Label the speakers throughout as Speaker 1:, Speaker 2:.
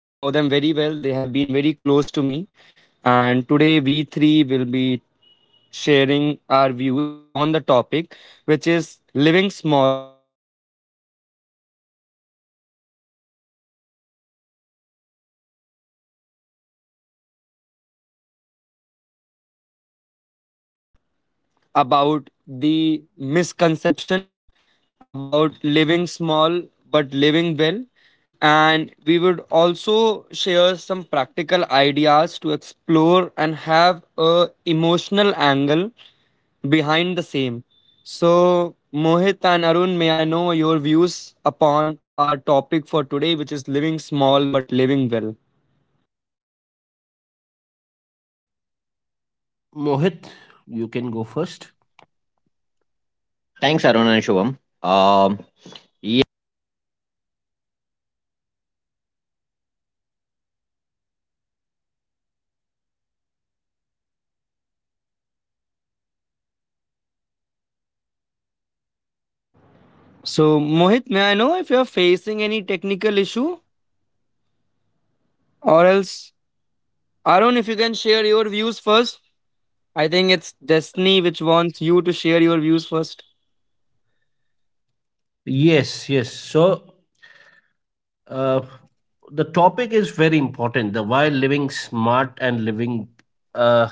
Speaker 1: I know them very well. They have been very close to me. And today we three will be sharing our views upon the topic, which is living small but living well. And we would be discussing that why this matters. We will be sharing our thoughts about the misconception about living small but living well. And we would also share some practical ideas to explore and have a emotional angle behind the same. So, Mohit and Arun, may I know your views upon our topic for today, which is living small but living well?
Speaker 2: Mohit, you can go first.
Speaker 3: Thanks, Arun and Shubham. Um, yeah.
Speaker 1: So, Mohit, may I know if you're facing any technical issue or else Arun, if you can share your views first, I think it's Destiny which wants you to share your views first.
Speaker 2: Yes, yes. So uh, the topic is very important. The why living smart and uh,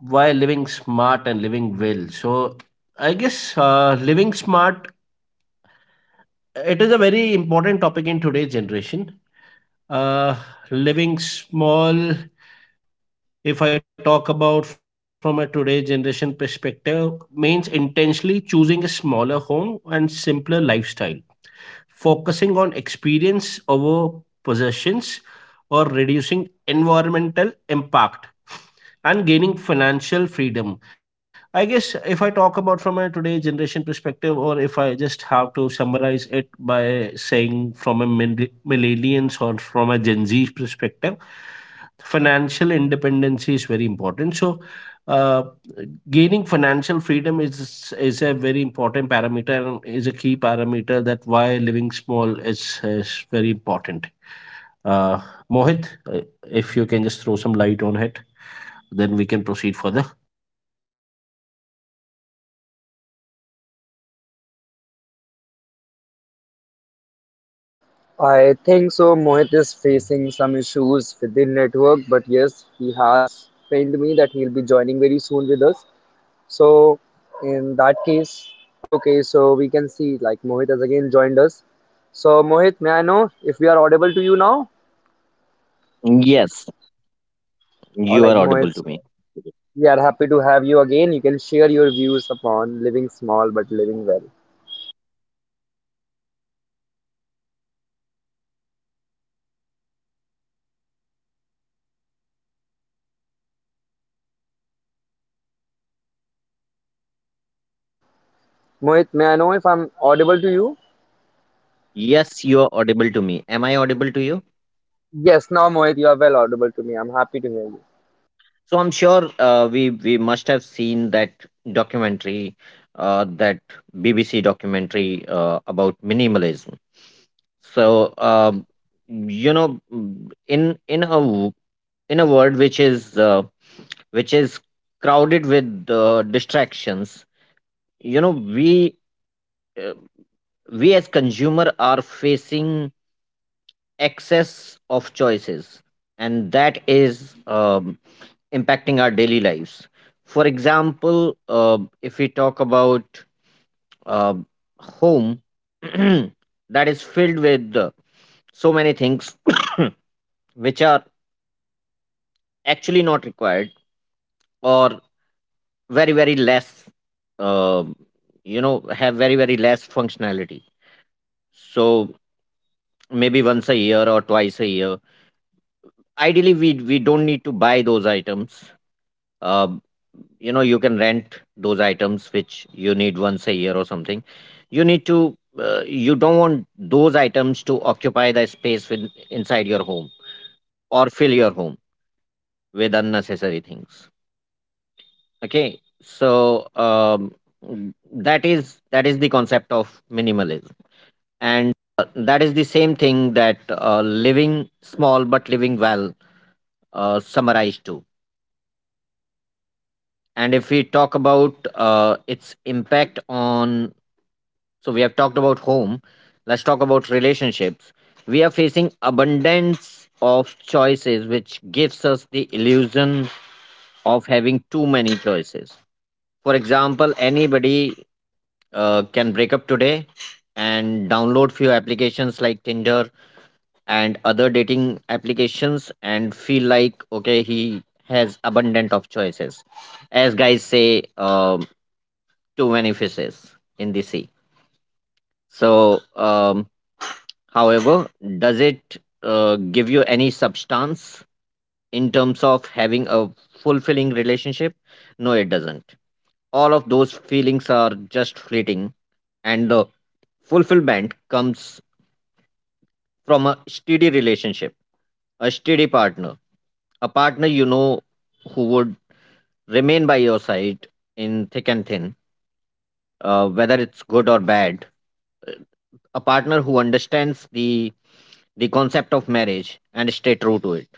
Speaker 2: living smart and living well. So I guess living smart, it is a very important topic in today's generation. Uh, Living small, if I talk about from a today's generation perspective, means intentionally choosing a smaller home and simpler lifestyle, focusing on experience over possessions, or reducing environmental impact and gaining financial freedom. I guess if I talk about from a today generation perspective, or if I just have to summarize it by saying from a millennials or from a Gen Z perspective, financial independence is very important. So uh, gaining financial freedom is a very important parameter and is a key parameter that why living small is very important. Uh, mohit uh, if you can just throw some light on it, then we can proceed further.
Speaker 1: I think so. Mohit is facing some issues within network, but yes, he has told me that he'll be joining very soon with us. So, in that case, okay, so we can see like Mohit has again joined us. So, Mohit, may I know if we are audible to you now?
Speaker 3: Yes,
Speaker 1: All
Speaker 3: you
Speaker 1: right,
Speaker 3: are
Speaker 1: Mohit,
Speaker 3: audible to
Speaker 1: so
Speaker 3: me.
Speaker 1: we are happy to have you again. You can share your views upon living small but living well. Mohit, may I know if I'm audible to you?
Speaker 3: Yes, you are audible to me. Am I audible to you?
Speaker 1: Yes, now Mohit, you are well audible to me. I'm happy to hear you.
Speaker 3: So I'm sure we must have seen that documentary, that BBC documentary about minimalism. So um, in in a world which is which is crowded with distractions, we uh, we as consumer are facing excess of choices, and that is impacting our daily lives. For example, if we talk about uh, home that is filled with so many things which are actually not required, or very, very less, uh, you know, have very, very less functionality. So maybe once a year or twice a year, ideally we don't need to buy those items. uh, You know, you can rent those items which you need once a year or something. You need to you don't want those items to occupy the space with, inside your home, or fill your home with unnecessary things. Okay, so that is the concept of minimalism, and that is the same thing that living small but living well summarized to. And if we talk about its impact on. So we have talked about home. Let's talk about relationships. We are facing abundance of choices, which gives us the illusion of having too many choices. For example, anybody can break up today and download few applications like Tinder and other dating applications and feel like, okay, he has abundant of choices. As guys say, too many fishes in the sea. So um, However, does it give you any substance in terms of having a fulfilling relationship? No, it doesn't. All of those feelings are just fleeting, and the fulfillment comes from a steady relationship, a steady partner, a partner, you know, who would remain by your side in thick and thin, whether it's good or bad, a partner who understands the concept of marriage and stay true to it.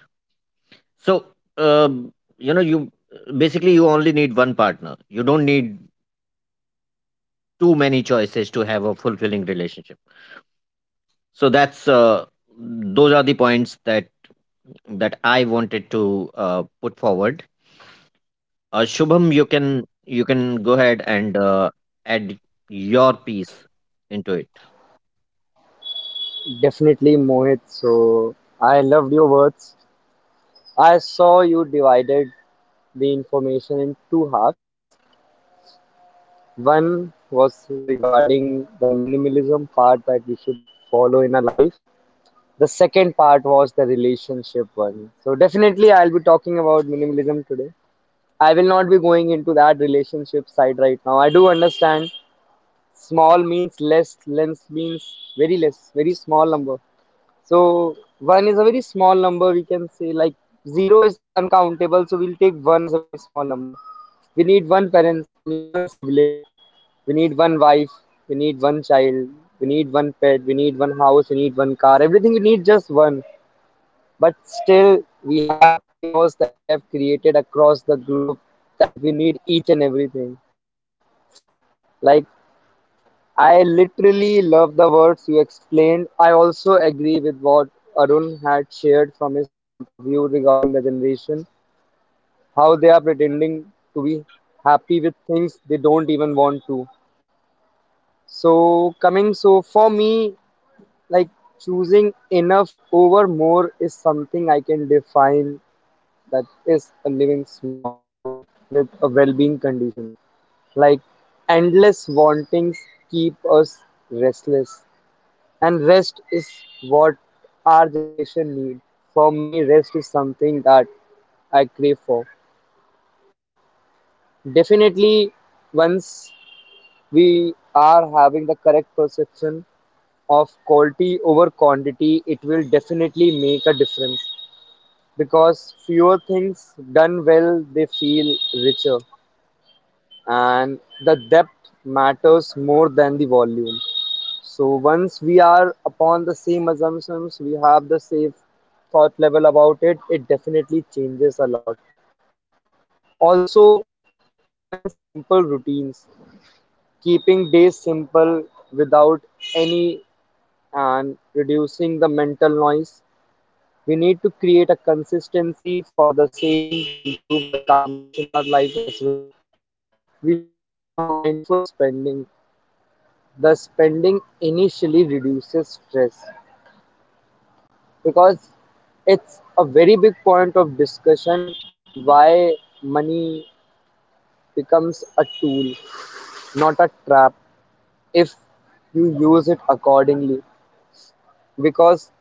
Speaker 3: So, um, you know, you you only need one partner. You don't need too many choices to have a fulfilling relationship. So that's those are the points that I wanted to put forward. Shubham, you can go ahead and add your piece into it.
Speaker 1: Definitely, Mohit. So I loved your words. I saw you divided the information in two halves. One was regarding the minimalism part that we should follow in our life. The second part was the relationship one. So definitely, I'll be talking about minimalism today. I will not be going into that relationship side right now. I do understand small means less, less means very less, very small number. So one is a very small number, we can say, like zero is uncountable, so we'll take one as a very small number. We need one parents, we need one sibling, we need one wife, we need one child, we need one pet, we need one house, we need one car, everything we need just one. But still we have a chaos that we have created across the globe, that we need each and everything. Like I literally love the words you explained. I also agree with what Arun had shared from his point of view regarding the generation, how they are pretending to be happy with things they don't even want to. So, coming so for me, like choosing enough over more is something I can define. That is a living small with a well-being condition. Like endless wantings keep us restless. And rest is what our generation need. For me, rest is something that I crave for. Definitely, once we are having the correct perception of quality over quantity, it will definitely make a difference, because fewer things done well, they feel richer, and the depth matters more than the volume. So once we are upon the same assumptions, we have the same thought level about it, it definitely changes a lot. Also, having simple routines, keeping days simple without any, and reducing the mental noise. We need to create a consistency for the same to improve the calmness in our life as well. We should have a mindful spending. The spending initially reduces stress, because it's a very big point of discussion why money becomes a tool, not a trap, if you use it accordingly, because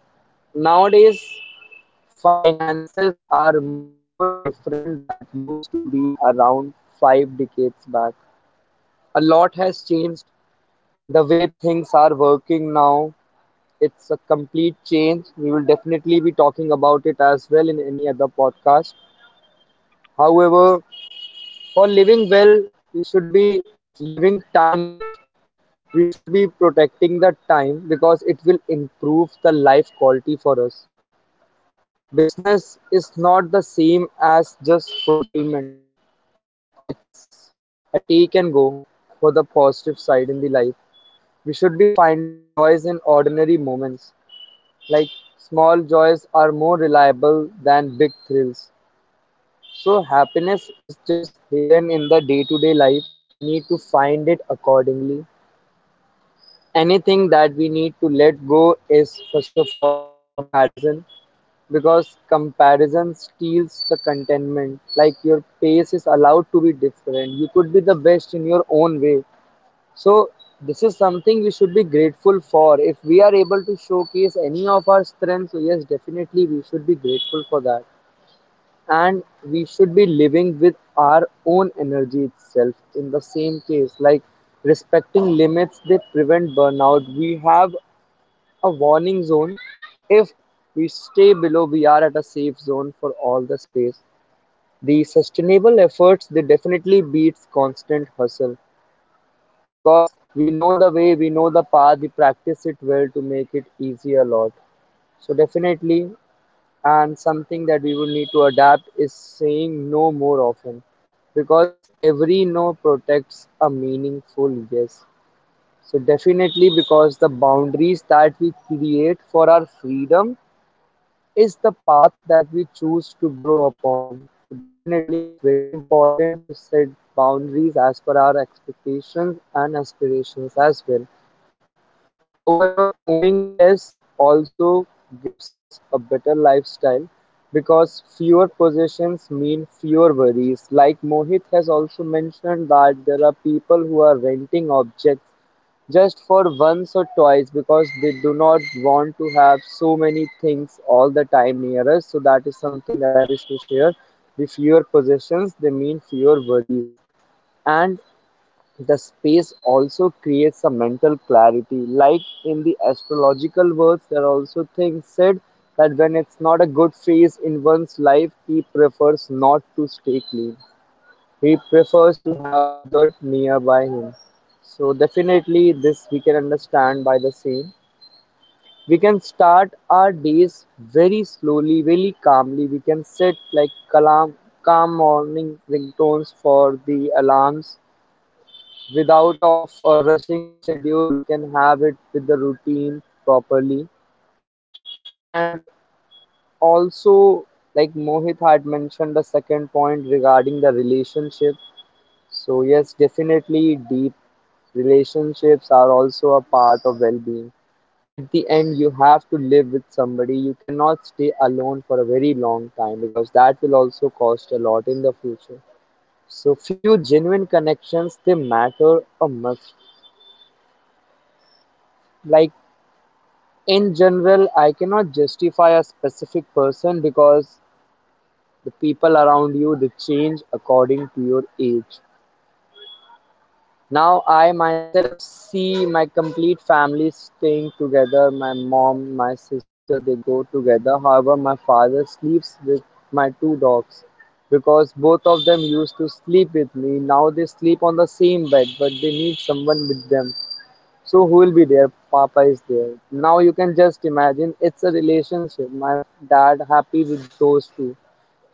Speaker 1: nowadays finances are much more different that used to be around 5 decades back. A lot has changed the way things are working now. It's a complete change. We will definitely be talking about it as well in any other podcast. However, for living well, we should be living time rich. We should be protecting the time because it will improve the life quality for us. Business is not the same as just fulfillment, it's a take and go for the positive side in the life. We should be finding joys in ordinary moments. Like small joys are more reliable than big thrills. So happiness is just hidden in the day to day life. We need to find it accordingly. Anything that we need to let go is, first of all, comparison, because comparison steals the contentment. Like your pace is allowed to be different, you could be the best in your own way. So this is something we should be grateful for. If we are able to showcase any of our strengths, so yes, definitely we should be grateful for that, and we should be living with our own energy itself in the same case. Like respecting limits, they prevent burnout. We have a warning zone. If we stay below, we are at a safe zone for all the space. The sustainable efforts, they definitely beats constant hustle, because we know the way, we know the path, we practice it well to make it easy a lot. So definitely. And something that we would need to adapt is saying no more often, because every no protects a meaningful yes. So definitely, because the boundaries that we create for our freedom is the path that we choose to grow upon. So definitely it's very important to set boundaries as per our expectations and aspirations as well. However, owning less also gives us a better lifestyle, because fewer possessions mean fewer worries. Like Mohit has also mentioned, that there are people who are renting objects just for once or twice because they do not want to have so many things all the time near us. So that is something that I wish to share. The fewer possessions, they mean fewer worries. And the space also creates a mental clarity. Like in the astrological words, there are also things said that when it's not a good phase in one's life, he prefers not to stay clean. He prefers to have dirt nearby him. So definitely this we can understand by the same. We can start our days very slowly, very calmly. We can set like calm, calm morning ringtones for the alarms. Without of a rushing schedule, we can have it with the routine properly. And also, like Mohit had mentioned, the second point regarding the relationship. So yes, definitely deep relationships are also a part of well-being. At the end, you have to live with somebody. You cannot stay alone for a very long time because that will also cost a lot in the future. So few genuine connections, they matter a must. Like in general, I cannot justify a specific person, because the people around you, they change according to your age. Now I myself see my complete family staying together. My mom, my sister, they go together. However, my father sleeps with my two dogs, because both of them used to sleep with me. Now they sleep on the same bed, but they need someone with them. So who will be there? Papa is there. Now you can just imagine, it's a relationship. My dad happy with those two.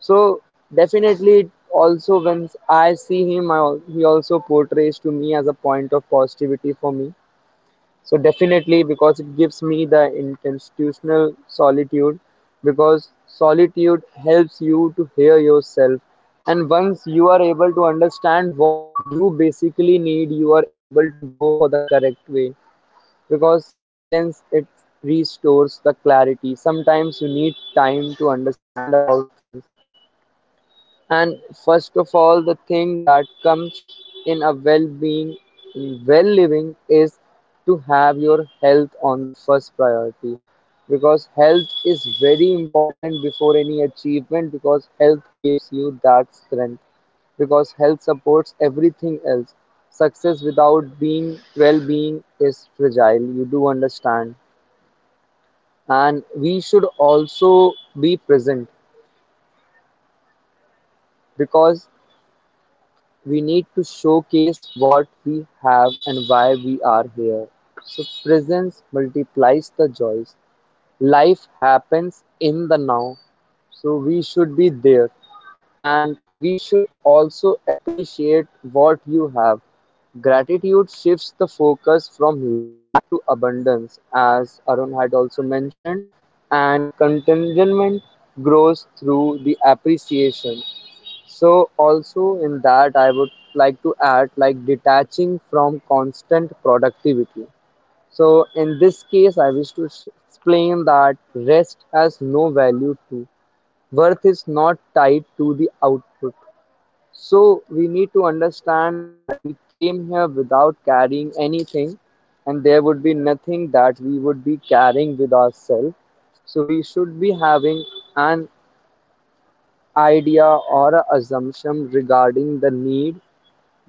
Speaker 1: So definitely it also, when I see him, he also portrays to me as a point of positivity for me. So definitely, because it gives me the intentional solitude, because solitude helps you to hear yourself, and once you are able to understand what you basically need, you are able to go for the correct way, because silence, it restores the clarity. Sometimes you need time to understand about things. And first of all, the thing that comes in a well-being, well living, is to have your health on the first priority, because health is very important before any achievement, because health gives you that strength, because health supports everything else. Success without being well being is fragile, you do understand. And we should also be present, because we need to showcase what we have and why we are here. So presence multiplies the joys. Life happens in the now. So we should be there, and we should also appreciate what you have. Gratitude shifts the focus from lack to abundance, as Arun had also mentioned, and contentment grows through the appreciation. So also in that I would like to add, like detaching from constant productivity. So in this case I wish to explain that rest has no value to. Worth is not tied to the output. So we need to understand that we came here without carrying anything, and there would be nothing that we would be carrying with ourselves. So we should be having an idea or a assumption regarding the need,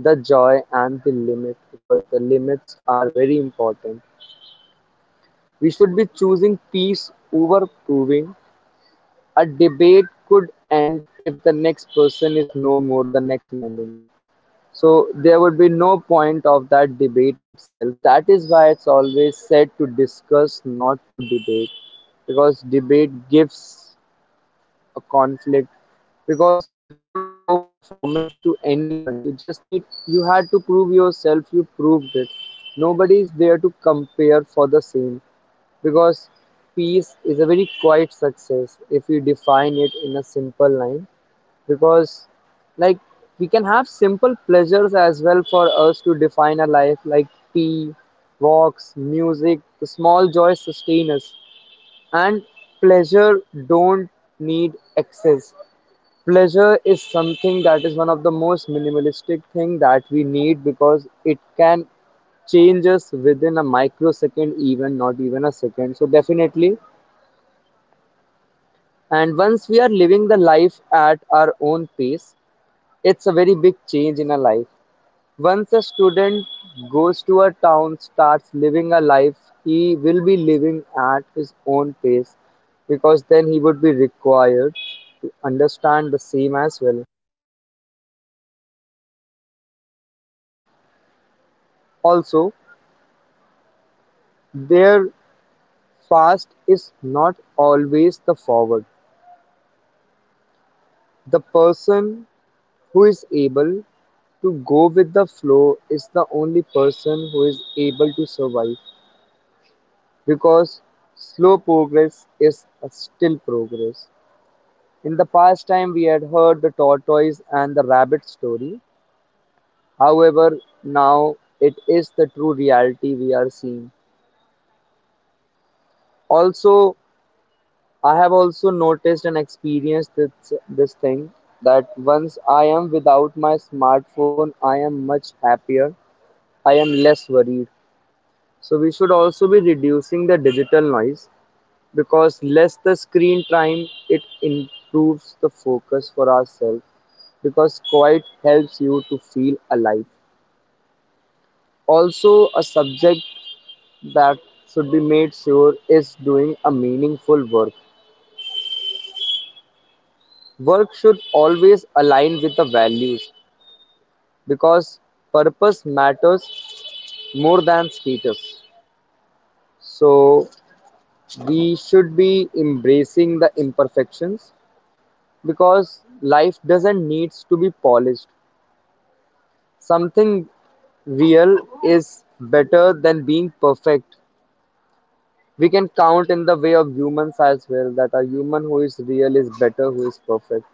Speaker 1: the joy, and the limit, because the limits are very important. We should be choosing peace over proving. A debate could end if the next person is no more the next moment. So there would be no point of that debate itself. That is why it's always said to discuss, not to debate, because debate gives a conflict. Because you don't owe performance to anyone, you just need, you had to prove yourself, you proved it. Nobody is there to compare for the same, because peace is a very quiet success if you define it in a simple line. Because like, we can have simple pleasures as well for us to define a life, like tea, walks, music, the small joys sustain us, and pleasure don't need excess. Pleasure is something that is one of the most minimalistic thing that we need because it can change us within a microsecond, even not even a second. So definitely. And once we are living the life at our own pace, it's a very big change in our life. Once a student goes to a town, starts living a life, he will be living at his own pace, because then he would be required to understand the same as well. Also, their fast is not always the forward. The person who is able to go with the flow is the only person who is able to survive, because slow progress is a still progress. In the past time we had heard the tortoise and the rabbit story. However, now it is the true reality we are seeing. Also, I have also noticed and experienced this thing that once I am without my smartphone, I am much happier. I am less worried. So we should also be reducing the digital noise, because less the screen time, it improves the focus for ourselves, because quiet helps you to feel alive. Also, a subject that should be made sure is doing a meaningful work. Work should always align with the values because purpose matters more than status. So, we should be embracing the imperfections because life doesn't need to be polished. Something real is better than being perfect. We can count in the way of humans as well, that a human who is real is better who is perfect.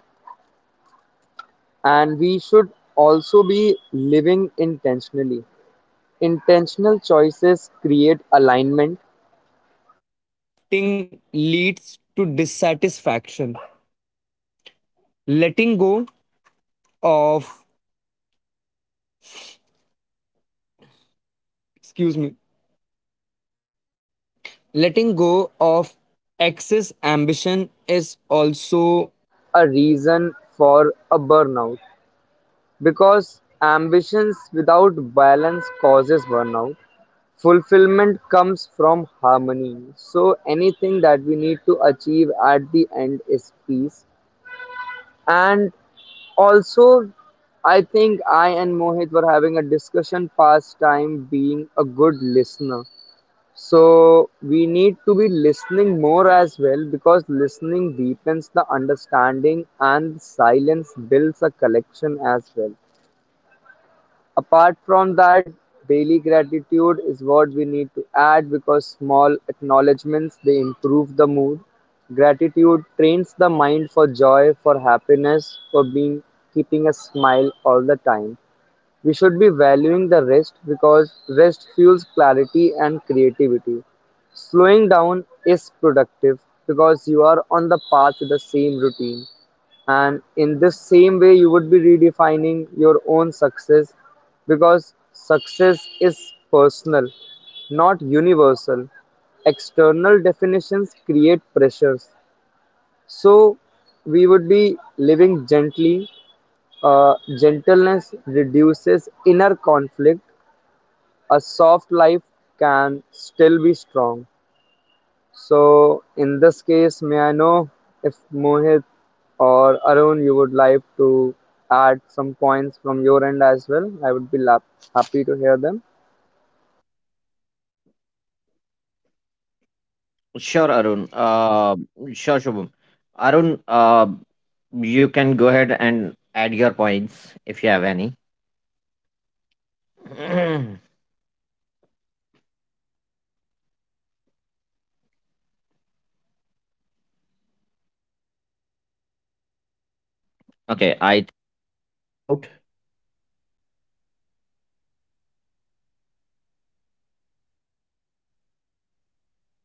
Speaker 1: And we should also be living intentionally. Intentional choices create alignment. Burnout, because ambitions without balance causes burnout. Fulfillment comes from harmony. So anything that we need to achieve at the end is peace. And also, I think I and Mohit were having a discussion past time being a good listener. So we need to be listening more as well, because listening deepens the understanding and silence builds a collection as well. Apart from that, daily gratitude is what we need to add, because small acknowledgements, they improve the mood. Gratitude trains the mind for joy, for happiness, for being, keeping a smile all the time. We should be valuing the rest because rest fuels clarity and creativity. Slowing down is productive because you are on the path to the same routine. And in this same way, you would be redefining your own success because success is personal, not universal. External definitions create pressures. So, we would be living gently. Gentleness reduces inner conflict. A soft life can still be strong. So, in this case, may I know if Mohit or Arun, you would like to add some points from your end as well? I would be happy to hear them.
Speaker 3: Sure, Arun. Sure, Shubham. Arun, you can go ahead and add your points if you have any.
Speaker 2: Thanks, thanks, Mohit. So the topic is very the topic
Speaker 3: Okay,
Speaker 2: is very
Speaker 3: I
Speaker 2: good. If I talk about, uh, am I audible? Hello,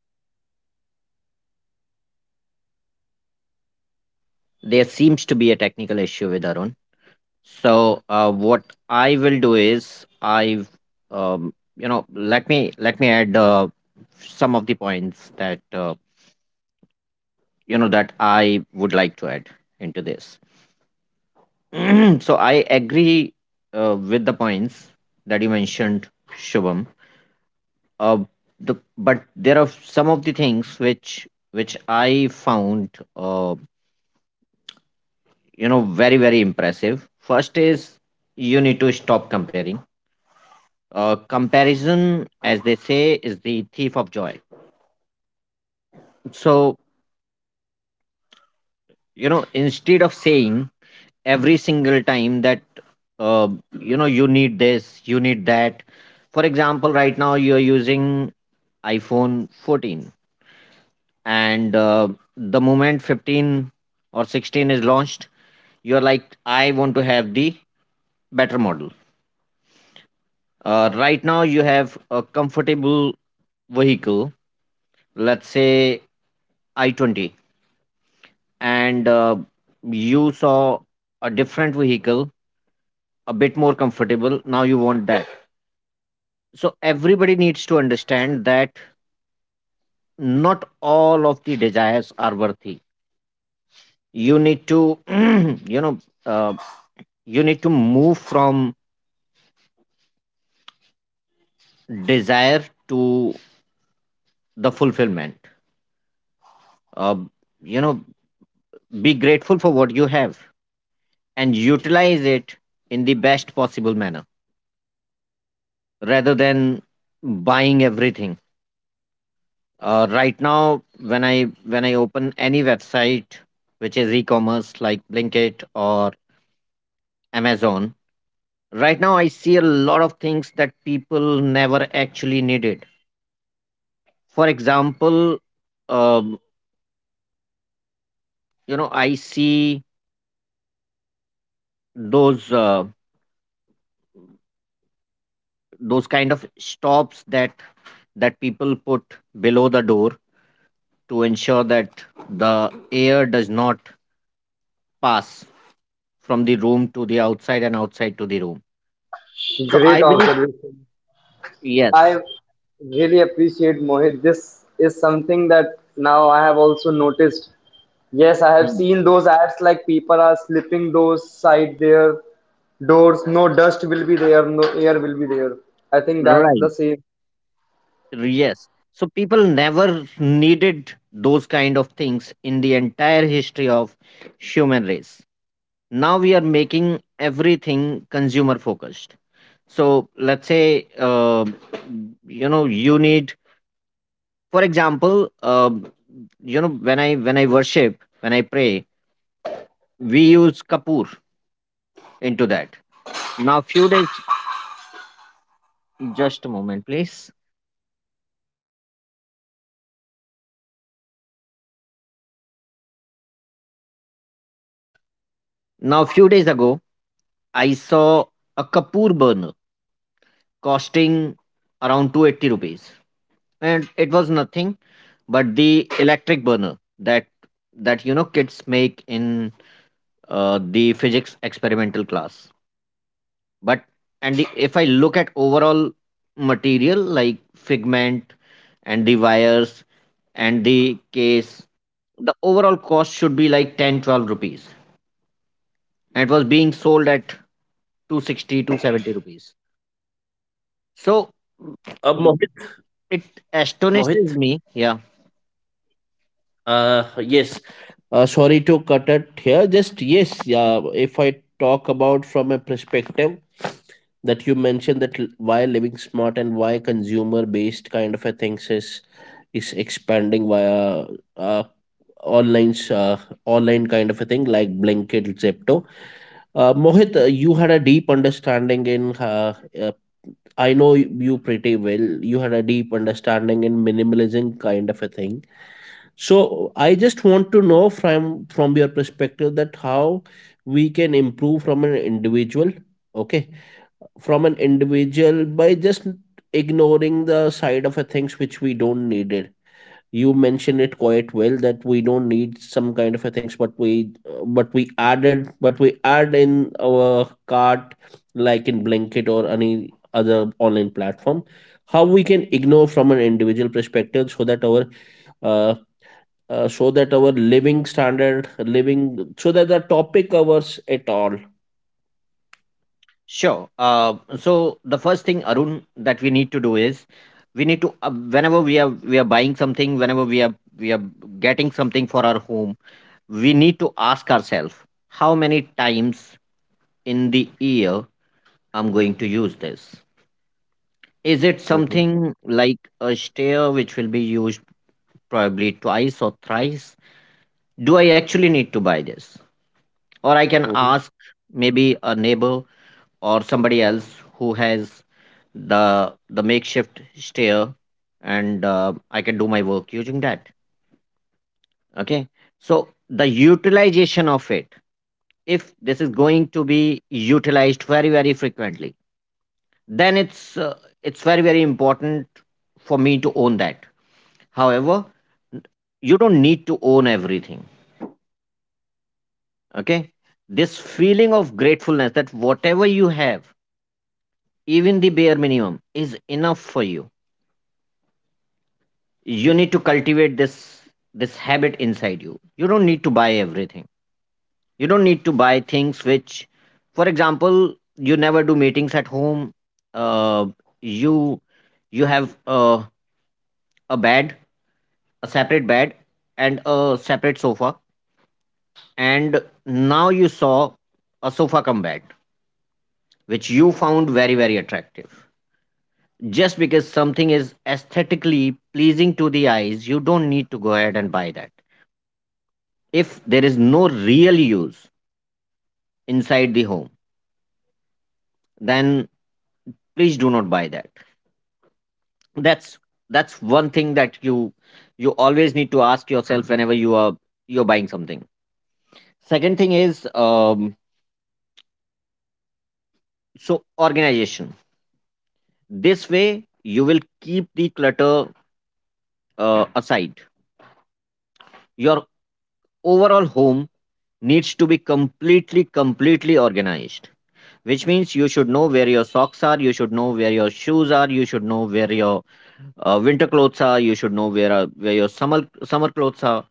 Speaker 2: hello,
Speaker 3: there
Speaker 2: Shubham,
Speaker 3: seems to
Speaker 2: Mohit.
Speaker 3: be a technical issue with Arun. So what
Speaker 2: Hello.
Speaker 3: I will do is, I've you know let me add some of the points that you know that I would like to add into this. So I agree with the points that you mentioned, Shubham. Uh, But there are some of the things which I found, uh, very, very impressive. First is, you need to stop comparing. Comparison, as they say, is the thief of joy. So, instead of saying every single time that, uh, you need this, you need that, for example, right now you're using iPhone 14, and the moment 15 or 16 is launched, you're like, I want to have the better model. Right now, you have a comfortable vehicle, let's say i20, and you saw a different vehicle, a bit more comfortable, now you want that. So everybody needs to understand that not all of the desires are worthy. You need to you know uh, you need to move from desire to the fulfillment. uh, you know Be grateful for what you have and utilize it in the best possible manner rather than buying everything. Right now, when I open any website which is e-commerce, like Blinkit or Amazon, right now I see a lot of things that people never actually needed. For example, um, I see those those kind of stops that people put below the door to ensure that the air does not pass from the room to the outside and outside to the room. So I
Speaker 1: Great
Speaker 3: believe.
Speaker 1: observation.
Speaker 3: Yes.
Speaker 1: I really appreciate Mohit. This is something that now I have also noticed. Yes, I have
Speaker 3: Hmm.
Speaker 1: seen those ads like people are slipping those side their doors. No dust will be there, no air will be there. I think that's
Speaker 3: Right.
Speaker 1: the same.
Speaker 3: Yes. So people never needed those kind of things in the entire history of human race. Now we are making everything consumer focused. So let's say, you need, for example, when I worship, when I pray, we use kapoor into that. Now few days, just a moment, please.
Speaker 2: Great, great, Mohit. Uh, you summarize it quite
Speaker 3: Now
Speaker 2: well.
Speaker 3: few days ago,
Speaker 2: Uh,
Speaker 3: I saw a
Speaker 2: Mohit,
Speaker 3: kapoor burner costing around 280 rupees, and it was nothing but the electric burner that that kids make in the physics experimental class. But and the, if I look at overall material like figment and the wires and the case, the overall cost should be like 10, 12 rupees and it was being sold at 260, 270 rupees So
Speaker 2: Uh, Mohit,
Speaker 3: it astonishes
Speaker 2: Mohit,
Speaker 3: me. Yeah.
Speaker 2: yes, sorry to cut it here. Just yes, yeah. If I talk about from a perspective that you mentioned, that why living smart and why consumer based kind of a things is expanding via uh, online uh, online kind of a thing like Blinkit, Zepto. Mohit, you had a deep understanding in uh, I know you pretty well. You had a deep understanding in minimalism kind of a thing. So I just want to know from your perspective that how we can improve from an individual, okay, from an individual by just ignoring the side of a things which we don't need it. You mentioned it quite well that we don't need some kind of a things, but we add in our cart like in Blanket or any other online platform, how we can ignore from an individual perspective so that our uh, living standard living, so that the topic covers it all.
Speaker 3: Sure. So the first thing, Arun, that we need to do is, we need to whenever we are buying something, whenever we are getting something for our home, we need to ask ourselves, how many times in the year I'm going to use this. Is it
Speaker 2: Mm-hmm.
Speaker 3: something like a stair which will be used probably twice or thrice? Do I actually need to buy this? Or I can
Speaker 2: Mhm.
Speaker 3: ask maybe a neighbor or somebody else who has the makeshift stair, and I can do my work using that. Okay. So the utilization of it, if this is going to be utilized very, very frequently, then it's very, very important for me to own that. However, you don't need to own everything. Okay. This feeling of gratefulness that whatever you have, even the bare minimum is enough for you, you need to cultivate this habit inside you. You don't need to buy everything. You don't need to buy things which, for example, you never do meetings at home, uh, you you have a bed, a separate bed and a separate sofa, and now you saw a sofa come bed which you found very, very attractive. Just because something is aesthetically pleasing to the eyes, you don't need to go ahead and buy that. If there is no real use inside the home, then please do not buy that. That's that's one thing that you always need to ask yourself whenever you're buying something. Second thing is, so, organization. This way you will keep the clutter aside. Your overall home needs to be completely organized, which means you should know where your socks are, you should know where your shoes are, you should know where your winter clothes are, you should know where your summer clothes are.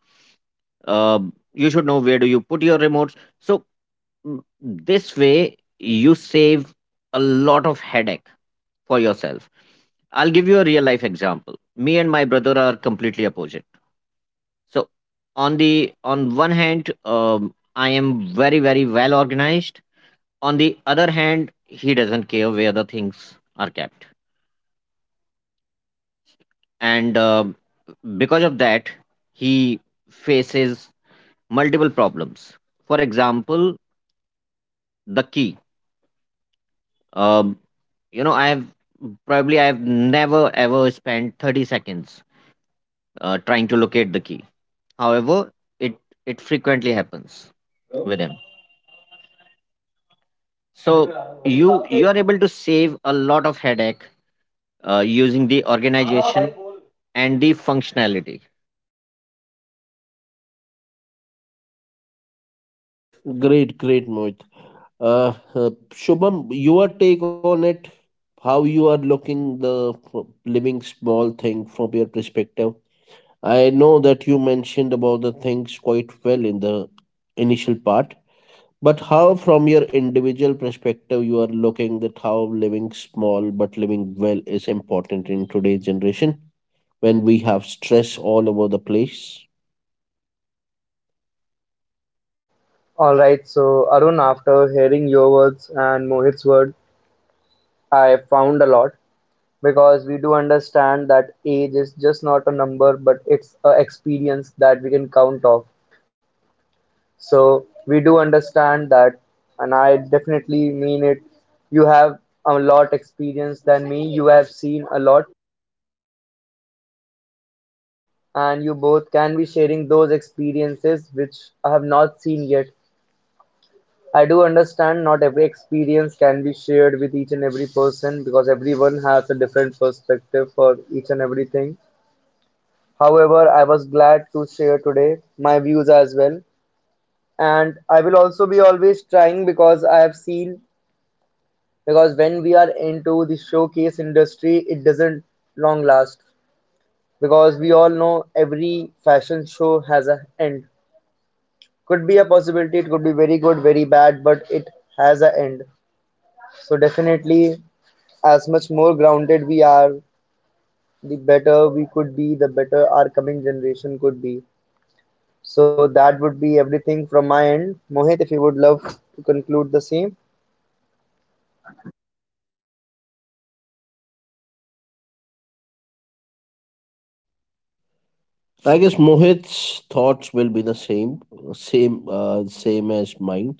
Speaker 3: Uh, You should know where do you put your remotes. So, this way you save a lot of headache for yourself. I'll give you a real life example. Me and my brother are completely opposite. So, on the on one hand, I am very, very well organized. On the other hand, he doesn't care where the things are kept, and because of that, he faces multiple problems. For example, the key. um, I have probably i have never ever spent 30 seconds trying to locate the key. However, it it frequently happens with him. So you are able to save a lot of headache using the organization and the functionality.
Speaker 2: Great, great, Mohit. Shubham, your take on it, how you are looking the living small thing from your perspective. I know that you mentioned about the things quite well in the initial part, but how from your individual perspective you are looking that how living small but living well is important in today's generation when we have stress all over the place.
Speaker 1: All right, so Arun, after hearing your words and Mohit's word, I found a lot, because we do understand that age is just not a number, but it's a experience that we can count off. So we do understand that, and I definitely mean it. You have a lot experience than me. You have seen a lot, and you both can be sharing those experiences which I have not seen yet. I do understand not every experience can be shared with each and every person because everyone has a different perspective for each and everything. However, I was glad to share today my views as well. And I will also be always trying, because I have seen, because when we are into the showcase industry, it doesn't long last, because we all know every fashion show has a end. Could be a possibility, it could be very good, very bad, but it has a end. So definitely, as much more grounded we are, the better we could be, the better our coming generation could be. So that would be everything from my end. Mohit, if you would love to conclude the same.
Speaker 2: I guess Mohit's thoughts will be the same, same, same as mine.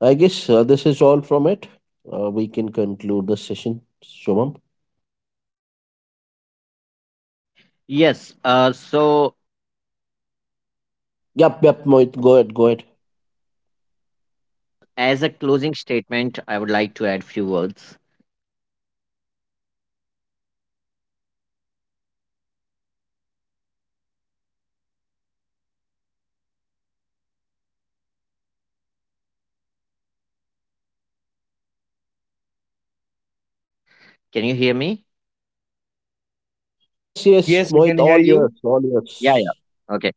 Speaker 2: I guess this is all from it. We can conclude the session, Shubham.
Speaker 3: Yes. So,
Speaker 2: Yep, yep, Mohit, go ahead, go ahead.
Speaker 3: as a closing statement, I would like to add few words. Can you hear me?
Speaker 2: Yes,
Speaker 1: Yes, we
Speaker 2: yes,
Speaker 1: can hear
Speaker 2: Mohit, all
Speaker 1: you.
Speaker 2: yours, all
Speaker 3: Yeah, yeah.
Speaker 2: yours.
Speaker 3: Okay.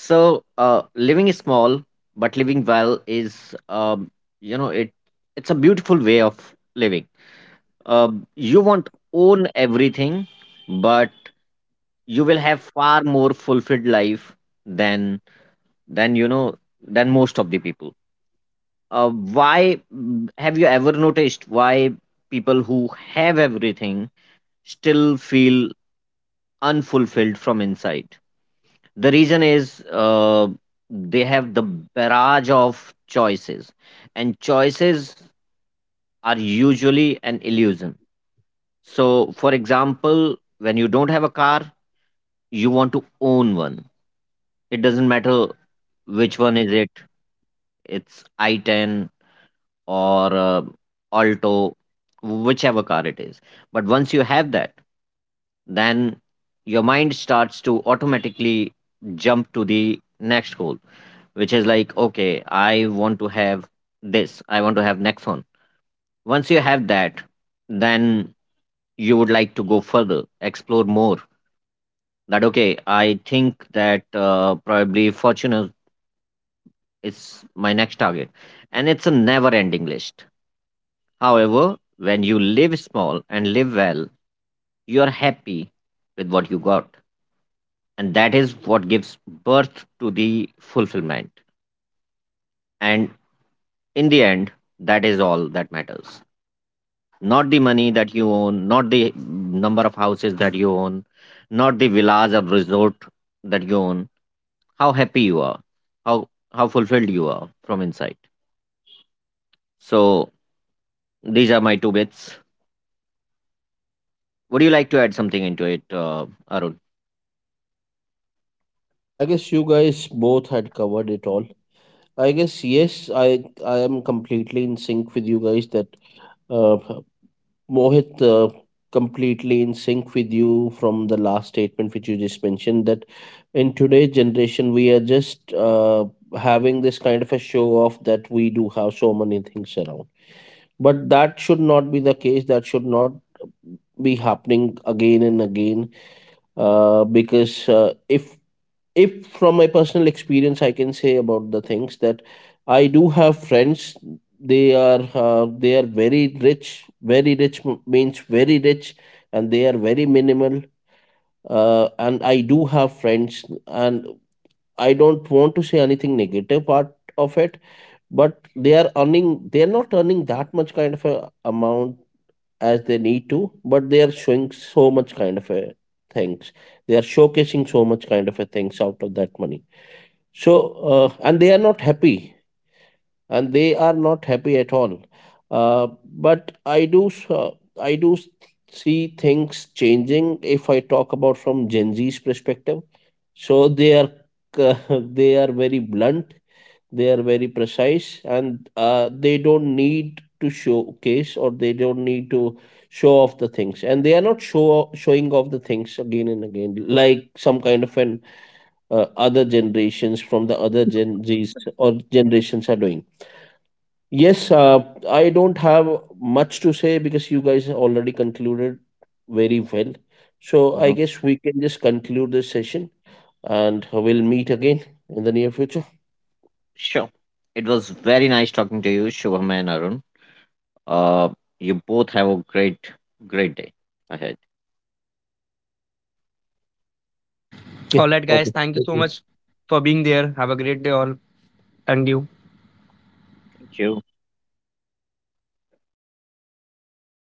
Speaker 3: So, living small but living well is, you know, it it's a beautiful way of living. You won't own everything, but you will have far more fulfilled life than than you know than most of the people. Have you ever noticed why people who have everything still feel unfulfilled from inside? The reason is, they have the barrage of choices, and choices are usually an illusion. So, for example, when you don't have a car, you want to own one. It doesn't matter which one is it. It's i10 or Alto, whichever car it is. But once you have that, then your mind starts to automatically jump to the next goal, which is like, okay, I want to have this, I want to have next one. Once you have that, then you would like to go further, explore more, that, okay, I think that probably Fortuner is my next target. And it's a never ending list. However, when you live small and live well, you are happy with what you got, and that is what gives birth to the fulfillment. And in the end, that is all that matters. Not the money that you own, not the number of houses that you own, not the villas or resort that you own. How happy you are, how fulfilled you are from inside. So these are my two bits. Would you like to add something into it, Arun?
Speaker 2: I guess you guys both had covered it all. I guess yes, I am completely in sync with you guys that uh, Mohit, completely in sync with you from the last statement which you just mentioned, that in today's generation we are just having this kind of a show off, that we do have so many things around. But that should not be the case. That should not be happening again and again, because if from my personal experience I can say about the things that I do have friends, they are very rich, very rich, means very rich, and they are very minimal. And I do have friends, and I don't want to say anything negative part of it, but they are earning, they are not earning that much kind of a amount as they need to, but they are showing so much kind of a things, they are showcasing so much kind of a things out of that money. So, and they are not happy, and they are not happy at all. Uh, but I do s- see things changing. If I talk about from Gen Z's perspective, so they are, c- they are very blunt, they are very precise, and they don't need to showcase, or they don't need to show off the things, and they are not showing off the things again and again, like some kind of an other generations from the other Gen Zs or generations are doing. Yes, I don't have much to say because you guys already concluded very well. So I
Speaker 3: Mhm.
Speaker 2: guess we can just conclude this session and we'll meet again in the near future.
Speaker 3: Sure. It was very nice talking to you, Shubham and Arun. Uh, You both have a great, great day ahead.
Speaker 2: Okay.
Speaker 1: All right, guys.
Speaker 2: Okay.
Speaker 1: Thank you so
Speaker 2: Okay.
Speaker 1: much for being there. Have a great day, all. Thank you.
Speaker 3: Thank you.